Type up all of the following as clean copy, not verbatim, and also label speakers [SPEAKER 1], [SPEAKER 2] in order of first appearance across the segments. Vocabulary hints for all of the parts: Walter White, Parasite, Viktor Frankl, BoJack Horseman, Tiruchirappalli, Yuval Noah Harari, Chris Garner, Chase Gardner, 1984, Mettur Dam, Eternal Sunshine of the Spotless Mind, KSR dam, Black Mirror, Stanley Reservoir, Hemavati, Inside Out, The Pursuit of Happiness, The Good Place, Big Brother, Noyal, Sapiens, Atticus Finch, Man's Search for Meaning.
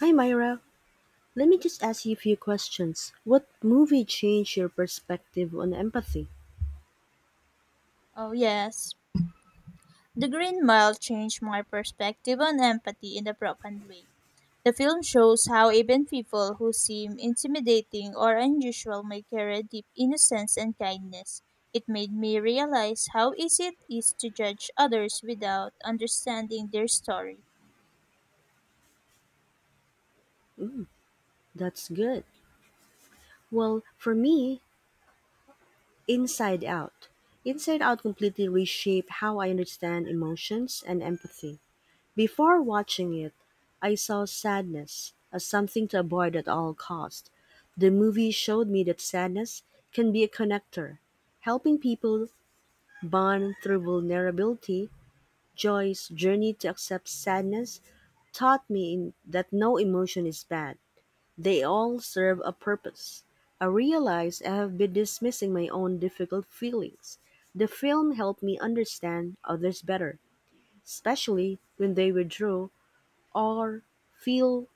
[SPEAKER 1] Hi Myra, let me just ask you a few questions. What movie changed your perspective on empathy?
[SPEAKER 2] Oh, yes. The Green Mile changed my perspective on empathy in a profound way. The film shows how even people who seem intimidating or unusual may carry a deep innocence and kindness. It made me realize how easy it is to judge others without understanding their story.
[SPEAKER 1] That's good. Well, for me, Inside Out. Inside Out completely reshaped how I understand emotions and empathy. Before watching it, I saw sadness as something to avoid at all cost. The movie showed me that sadness can be a connector, helping people bond through vulnerability. Joy's journey to accept sadness taught me that no emotion is bad. They all serve a purpose. I realized I have been dismissing my own difficult feelings. The film helped me understand others better, especially when they withdraw or feel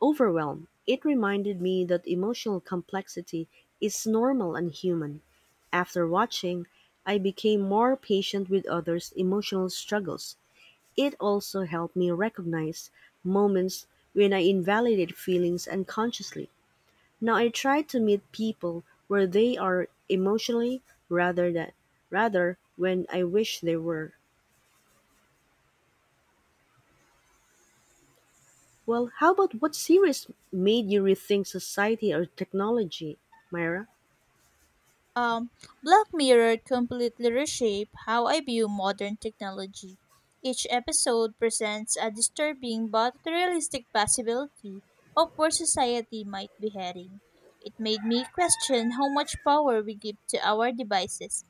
[SPEAKER 1] overwhelmed. It reminded me that emotional complexity is normal and human. After watching, I became more patient with others' emotional struggles. It also helped me recognize moments when I invalidated feelings unconsciously. Now I try to meet people where they are emotionally rather than rather when I wish they were. Well, how about what series made you rethink society or technology, Myra?
[SPEAKER 2] Um, Black Mirror completely reshaped how I view modern technology. Each episode presents a disturbing but realistic possibility of where society might be heading. It made me question how much power we give to our devices.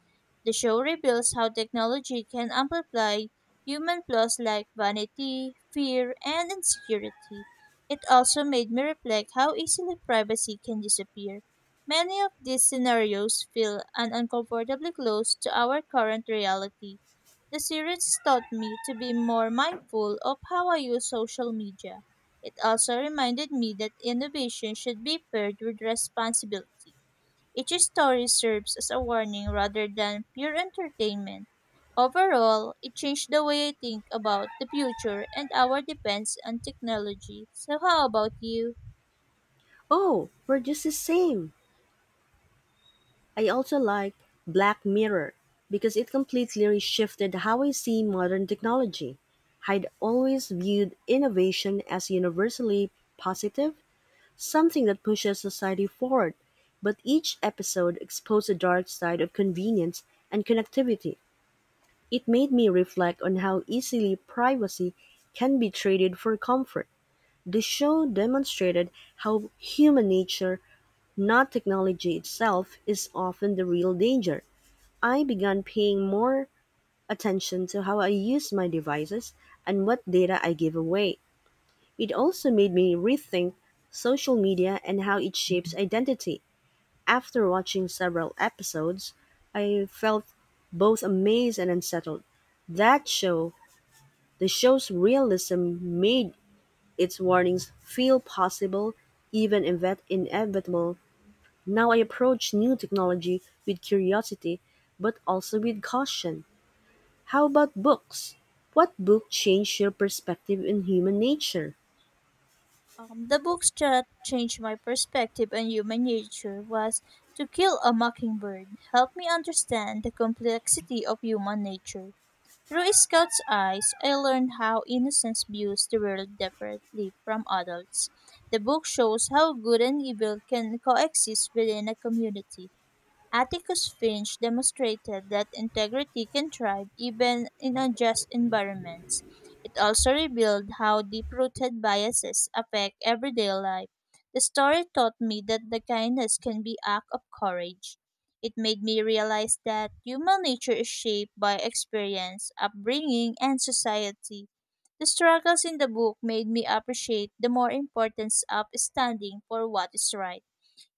[SPEAKER 2] The show reveals how technology can amplify human flaws like vanity, fear, and insecurity. It also made me reflect how easily privacy can disappear. Many of these scenarios feel an uncomfortably close to our current reality. The series taught me to be more mindful of how I use social media. It also reminded me that innovation should be paired with responsibility. Each story serves as a warning rather than pure entertainment. Overall, it changed the way I think about the future and our dependence on technology. So, how about you?
[SPEAKER 1] Oh, we're just the same. I also like Black Mirror because it completely reshifted how I see modern technology. I'd always viewed innovation as universally positive, something that pushes society forward, but each episode exposed the dark side of convenience and connectivity. It made me reflect on how easily privacy can be traded for comfort. The show demonstrated how human nature, not technology itself, is often the real danger. I began paying more attention to how I use my devices and what data I give away. It also made me rethink social media and how it shapes identity. After watching several episodes, I felt both amazed and unsettled. That show, the show's realism made its warnings feel possible, even inevitable. Now I approach new technology with curiosity, but also with caution. How about books? What book changed your perspective in human nature?
[SPEAKER 2] The books that changed my perspective on human nature was To Kill a Mockingbird, helped me understand the complexity of human nature. Through a scout's eyes, I learned how innocence views the world differently from adults. The book shows how good and evil can coexist within a community. Atticus Finch demonstrated that integrity can thrive even in unjust environments. It also revealed how deep rooted biases affect everyday life. The story taught me that the kindness can be act of courage. It made me realize that human nature is shaped by experience, upbringing, and society. The struggles in the book made me appreciate the more importance of standing for what is right.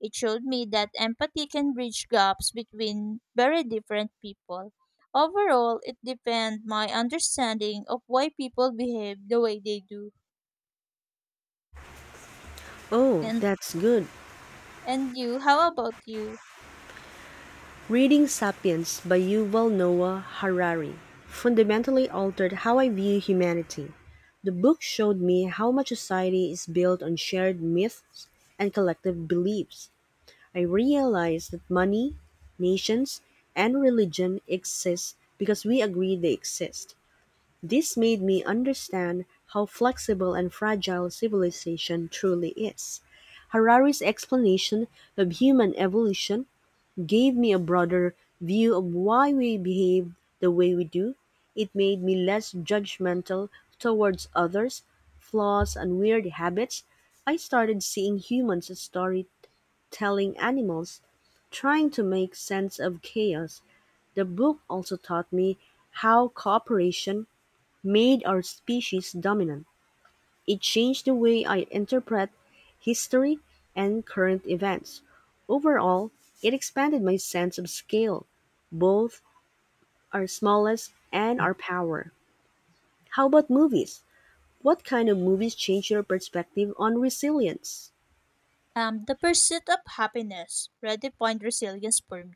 [SPEAKER 2] It showed me that empathy can bridge gaps between very different people. Overall, it deepened my understanding of why people behave the way they do.
[SPEAKER 1] Oh,
[SPEAKER 2] And
[SPEAKER 1] that's good.
[SPEAKER 2] and you, how about you?
[SPEAKER 1] Reading Sapiens by Yuval Noah Harari fundamentally altered how I view humanity. The book showed me how much society is built on shared myths and collective beliefs. I realized that money, nations, and religion exist because we agree they exist. This made me understand how flexible and fragile civilization truly is. Harari's explanation of human evolution gave me a broader view of why we behave the way we do. It made me less judgmental towards others, flaws, and weird habits. I started seeing humans as storytelling animals trying to make sense of chaos, the book also taught me how cooperation made our species dominant. It changed the way I interpret history and current events. Overall, it expanded my sense of scale, both our smallness and our power. How about movies? What kind of movies change your perspective on resilience?
[SPEAKER 2] The pursuit of happiness redefined resilience for me.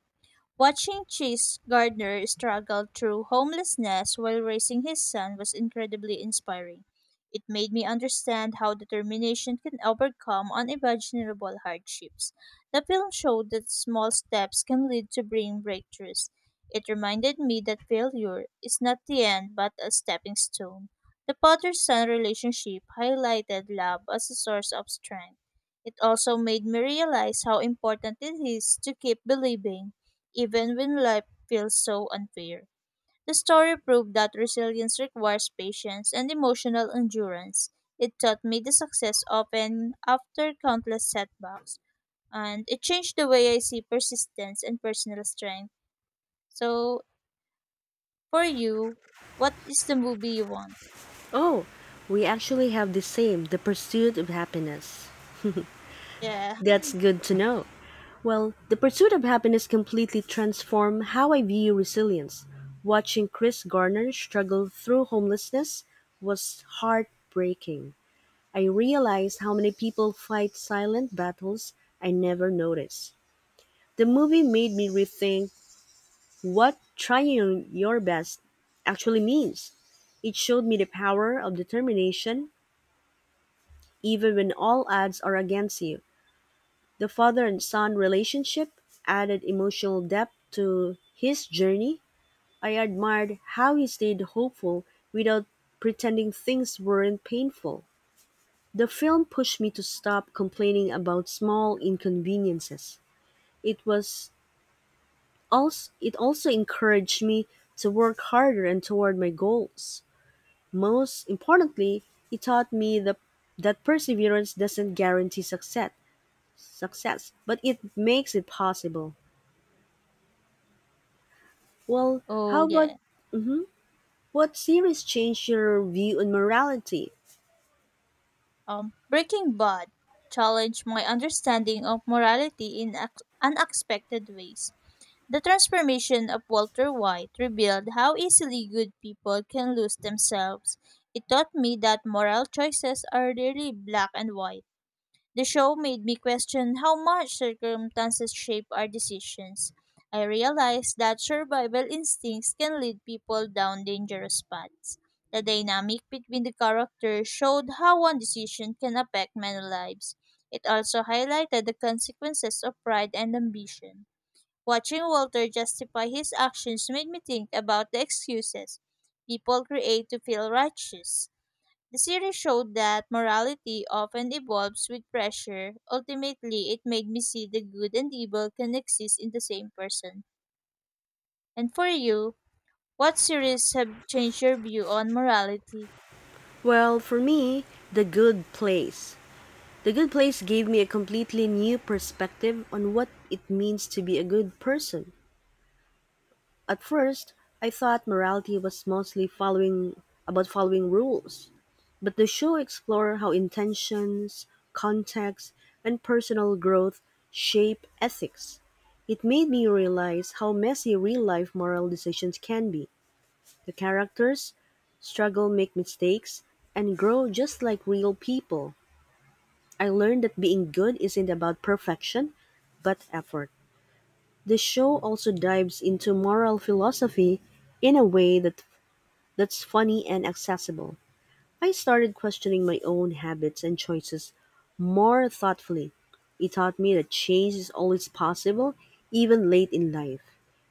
[SPEAKER 2] Watching Chase Gardner struggle through homelessness while raising his son was incredibly inspiring. It made me understand how determination can overcome unimaginable hardships. The film showed that small steps can lead to bring breakthroughs. It reminded me that failure is not the end but a stepping stone. The father son relationship highlighted love as a source of strength. It also made me realize how important it is to keep believing even when life feels so unfair. The story proved that resilience requires patience and emotional endurance. It taught me the success often after countless setbacks, and it changed the way I see persistence and personal strength. So, for you, what is the movie you want?
[SPEAKER 1] Oh, we actually have the same The Pursuit of Happiness.
[SPEAKER 2] Yeah.
[SPEAKER 1] That's good to know. Well, the pursuit of happiness completely transformed how I view resilience. Watching Chris Garner struggle through homelessness was heartbreaking. I realized how many people fight silent battles I never noticed. The movie made me rethink what trying your best actually means. It showed me the power of determination even when all odds are against you. The father and son relationship added emotional depth to his journey. I admired how he stayed hopeful without pretending things weren't painful. The film pushed me to stop complaining about small inconveniences. It was it also encouraged me to work harder and toward my goals. Most importantly, it taught me that perseverance doesn't guarantee success, but it makes it possible. Well,
[SPEAKER 2] Oh
[SPEAKER 1] how about
[SPEAKER 2] yeah.
[SPEAKER 1] mhm, what series changed your view on morality?
[SPEAKER 2] Breaking Bad challenged my understanding of morality in unexpected ways. The transformation of Walter White revealed how easily good people can lose themselves. It taught me that moral choices are rarely black and white. The show made me question how much circumstances shape our decisions. I realized that survival instincts can lead people down dangerous paths. The dynamic between the characters showed how one decision can affect many lives. It also highlighted the consequences of pride and ambition. Watching Walter justify his actions made me think about the excuses people create to feel righteous. The series showed that morality often evolves with pressure. Ultimately, it made me see the good and evil can exist in the same person. And for you, what series have changed your view on morality?
[SPEAKER 1] Well, for me, The Good Place. The Good Place gave me a completely new perspective on what it means to be a good person. At first, I thought morality was mostly following about following rules, but the show explored how intentions, context, and personal growth shape ethics. It made me realize how messy real life moral decisions can be. The characters struggle, make mistakes, and grow just like real people. I learned that being good isn't about perfection, but effort. The show also dives into moral philosophy in a way that's funny and accessible. I started questioning my own habits and choices more thoughtfully, it taught me that change is always possible, even late in life.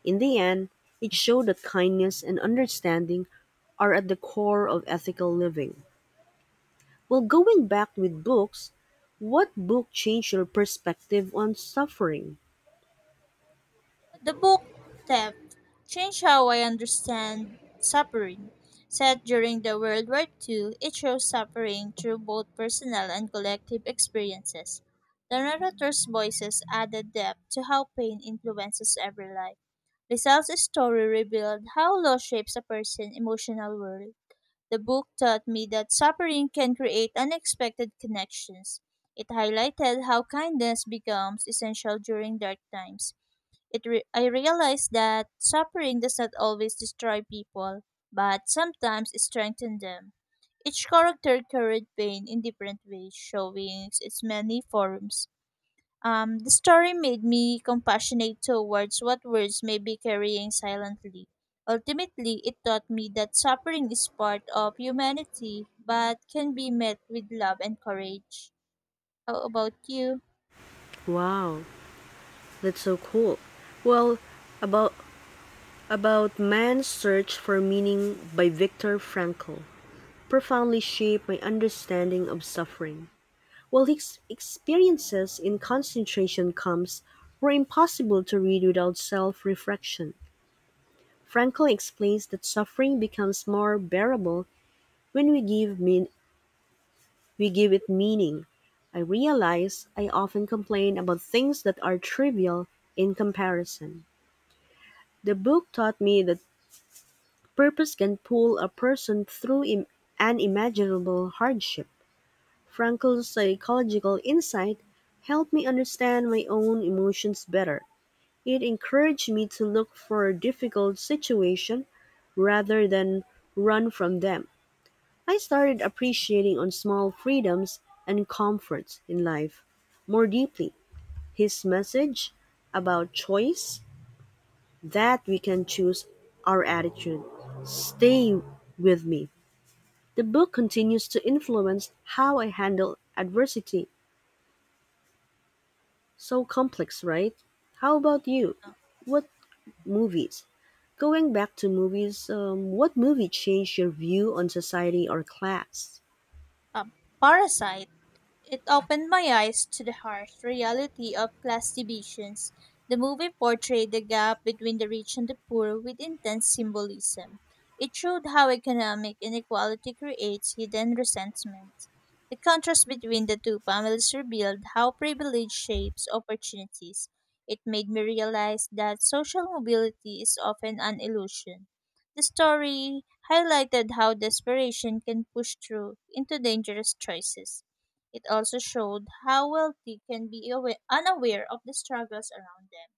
[SPEAKER 1] In the end, it showed that kindness and understanding are at the core of ethical living. Well, going back with books, what book changed your perspective on suffering?
[SPEAKER 2] The book Theft changed how I understand suffering. Set during the World War Two, it shows suffering through both personal and collective experiences. The narrator's voices added depth to how pain influences every life. Rizal's story revealed how loss shapes a person's emotional world. The book taught me that suffering can create unexpected connections. It highlighted how kindness becomes essential during dark times. I realized that suffering does not always destroy people, but sometimes strengthen them. Each character carried pain in different ways, showing its many forms. The story made me compassionate towards what words may be carrying silently. Ultimately, it taught me that suffering is part of humanity, but can be met with love and courage. How about you?
[SPEAKER 1] Wow, that's so cool. Well, about about Man's Search for Meaning by Viktor Frankl profoundly shaped my understanding of suffering. While his experiences in concentration camps were impossible to read without self reflection, Frankl explains that suffering becomes more bearable when we give it meaning. I realize I often complain about things that are trivial in comparison. The book taught me that purpose can pull a person through unimaginable hardship. Frankl's psychological insight helped me understand my own emotions better. It encouraged me to look for difficult situations rather than run from them. I started appreciating on small freedoms and comforts in life more deeply. His message about choice that we can choose our attitude stay with me. The book continues to influence how I handle adversity. So complex, right? How about you? What movies Going back to movies, what movie changed your view on society or class?
[SPEAKER 2] Um, Parasite. It opened my eyes to the harsh reality of class divisions. The movie portrayed the gap between the rich and the poor with intense symbolism. It showed how economic inequality creates hidden resentment. The contrast between the two families revealed how privilege shapes opportunities. It made me realize that social mobility is often an illusion. The story highlighted how desperation can push through into dangerous choices. It also showed how wealthy can be unaware of the struggles around them.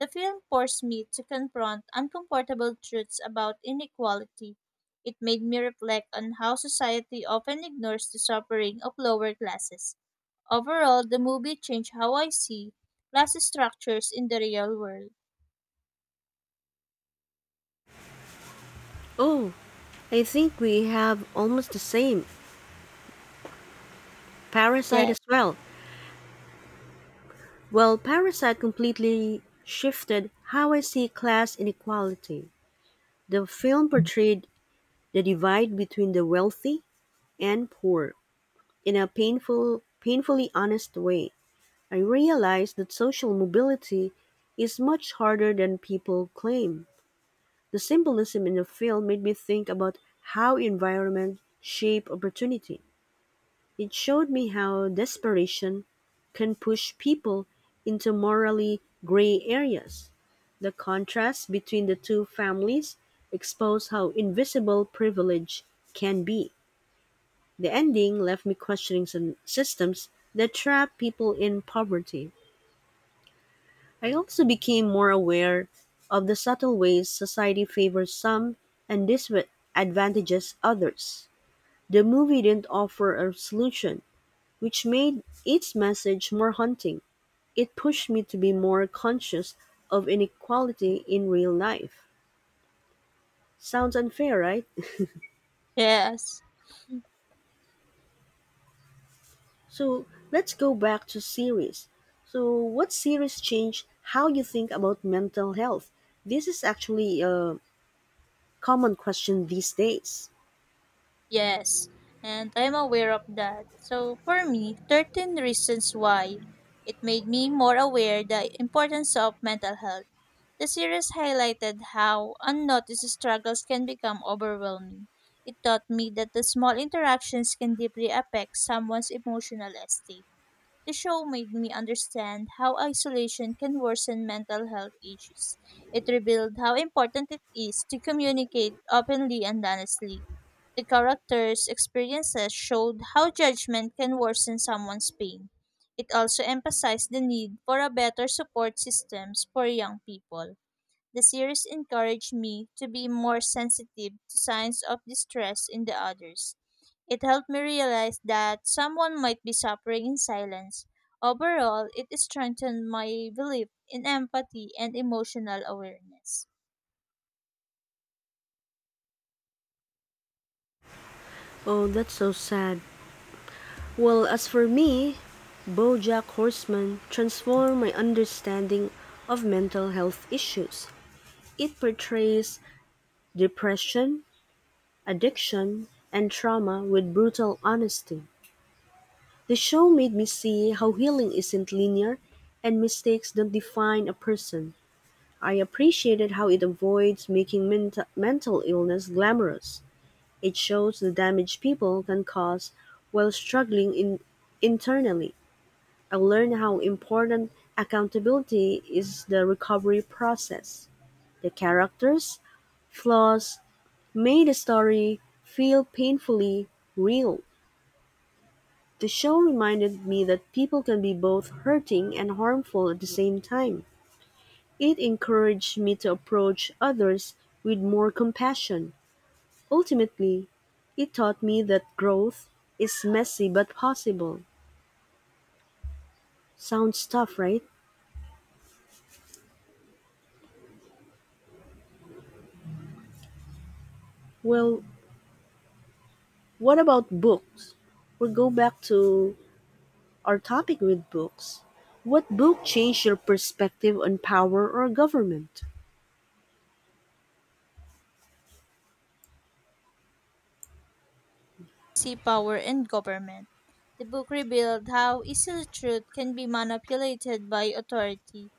[SPEAKER 2] The film forced me to confront uncomfortable truths about inequality. It made me reflect on how society often ignores the suffering of lower classes. Overall, the movie changed how I see class structures in the real world.
[SPEAKER 1] Oh, I think we have almost the same. Parasite
[SPEAKER 2] Yeah,
[SPEAKER 1] as well. Well, Parasite completely shifted how I see class inequality. The film portrayed the divide between the wealthy and poor in a painfully honest way. I realized that social mobility is much harder than people claim. The symbolism in the film made me think about how environment shape opportunity. It showed me how desperation can push people into morally gray areas. The contrast between the two families exposed how invisible privilege can be. The ending left me questioning some systems that trap people in poverty. I also became more aware of the subtle ways society favors some and disadvantages others. The movie didn't offer a solution, which made its message more haunting. It pushed me to be more conscious of inequality in real life. Sounds unfair, right?
[SPEAKER 2] yes.
[SPEAKER 1] So let's go back to series. So, what series changed how you think about mental health? This is actually a common question these days.
[SPEAKER 2] Yes, and I'm aware of that. So for me, 13 reasons why it made me more aware the importance of mental health. The series highlighted how unnoticed struggles can become overwhelming. It taught me that the small interactions can deeply affect someone's emotional state. The show made me understand how isolation can worsen mental health issues. It revealed how important it is to communicate openly and honestly. The character's experiences showed how judgment can worsen someone's pain. It also emphasized the need for a better support systems for young people. The series encouraged me to be more sensitive to signs of distress in the others. It helped me realize that someone might be suffering in silence. Overall, it strengthened my belief in empathy and emotional awareness.
[SPEAKER 1] Oh, that's so sad. Well, as for me, BoJack Horseman transformed my understanding of mental health issues. It portrays depression, addiction, and trauma with brutal honesty. The show made me see how healing isn't linear and mistakes don't define a person. I appreciated how it avoids making mental illness glamorous. It shows the damage people can cause while struggling internally. I learned how important accountability is the recovery process. The characters' flaws made the story feel painfully real. The show reminded me that people can be both hurting and harmful at the same time. It encouraged me to approach others with more compassion. Ultimately, it taught me that growth is messy but possible. Sounds tough, right? Well, what about books? We will go back to our topic with books. What book changed your perspective on power or government?
[SPEAKER 2] Sea Power and Government. The book revealed how easily truth can be manipulated by authority.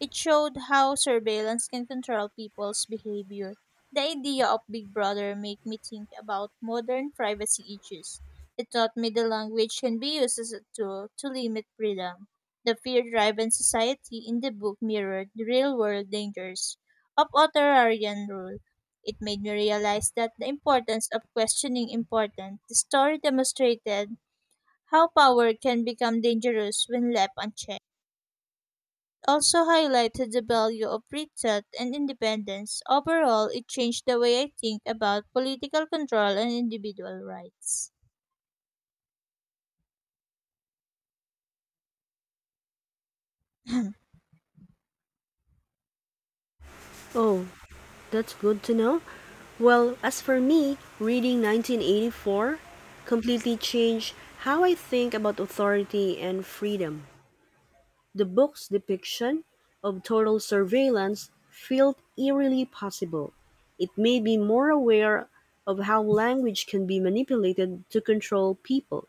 [SPEAKER 2] It showed how surveillance can control people's behavior. The idea of Big Brother made me think about modern privacy issues. It taught me the language can be used as a tool to limit freedom. The fear-driven society in the book mirrored the real-world dangers of authoritarian rule. It made me realize that the importance of questioning important. The story demonstrated how power can become dangerous when left unchecked. It also highlighted the value of free thought and independence. Overall, it changed the way I think about political control and individual rights.
[SPEAKER 1] Oh, that's good to know. Well, as for me, reading 1984 completely changed how I think about authority and freedom. The book's depiction of total surveillance felt eerily possible. It made me more aware of how language can be manipulated to control people.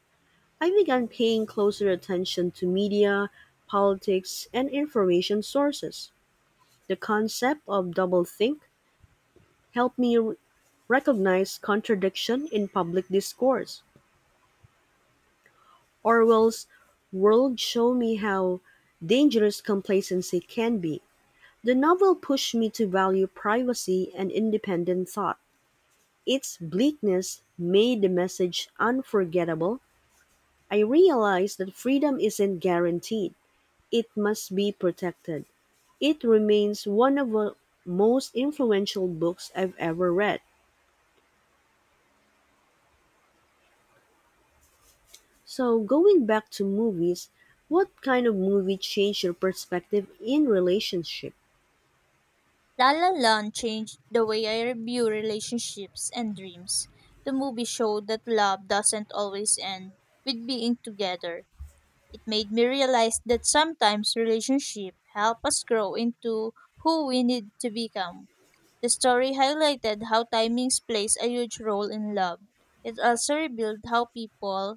[SPEAKER 1] I began paying closer attention to media, politics, and information sources. The concept of doublethink helped me recognize contradiction in public discourse. Orwell's world showed me how dangerous complacency can be. The novel pushed me to value privacy and independent thought. Its bleakness made the message unforgettable. I realized that freedom isn't guaranteed, it must be protected. It remains one of the most influential books I've ever read. So, going back to movies, what kind of movie changed your perspective in relationship?
[SPEAKER 2] La La Land changed the way I view relationships and dreams. The movie showed that love doesn't always end with being together. It made me realize that sometimes relationships help us grow into who we need to become. The story highlighted how timings plays a huge role in love. It also revealed how people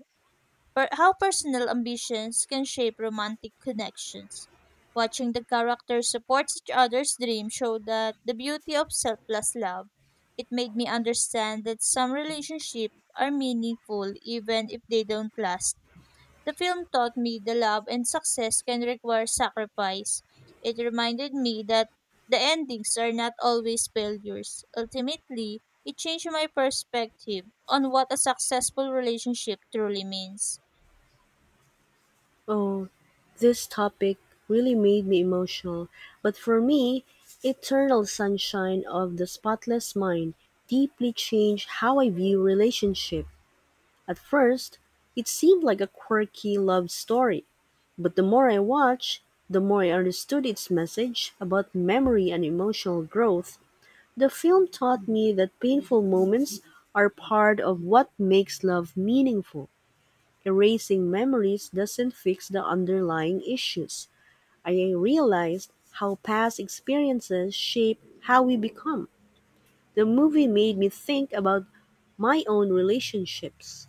[SPEAKER 2] how personal ambitions can shape romantic connections. Watching the characters support each other's dream showed that the beauty of selfless love it made me understand that some relationships are meaningful even if they don't last. The film taught me the love and success can require sacrifice. It reminded me that the endings are not always failures. Ultimately, it changed my perspective on what a successful relationship truly means.
[SPEAKER 1] Oh, this topic really made me emotional, but for me, Eternal Sunshine of the Spotless Mind deeply changed how I view relationship. At first, it seemed like a quirky love story, but the more I watched, the more I understood its message about memory and emotional growth. The film taught me that painful moments are part of what makes love meaningful. Erasing memories doesn't fix the underlying issues. I realized how past experiences shape how we become. The movie made me think about my own relationships,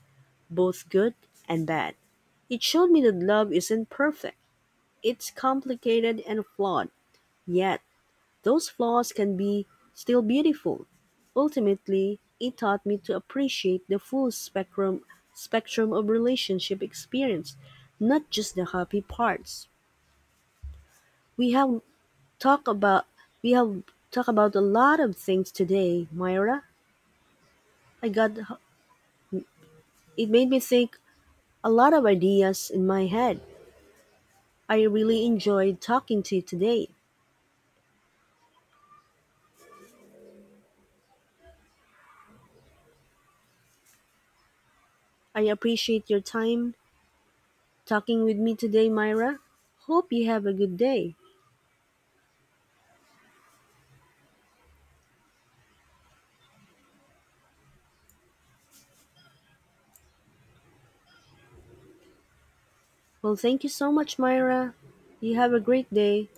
[SPEAKER 1] both good and bad. It showed me that love isn't perfect it's complicated and flawed, yet those flaws can be still beautiful. Ultimately, it taught me to appreciate the full spectrum of relationship experience, not just the happy parts. We have talked about we have talked about a lot of things today, Myra. I got it made me think a lot of ideas in my head. I really enjoyed talking to you today. I appreciate your time talking with me today, Myra. Hope you have a good day. Well, thank you so much, Myra. You have a great day.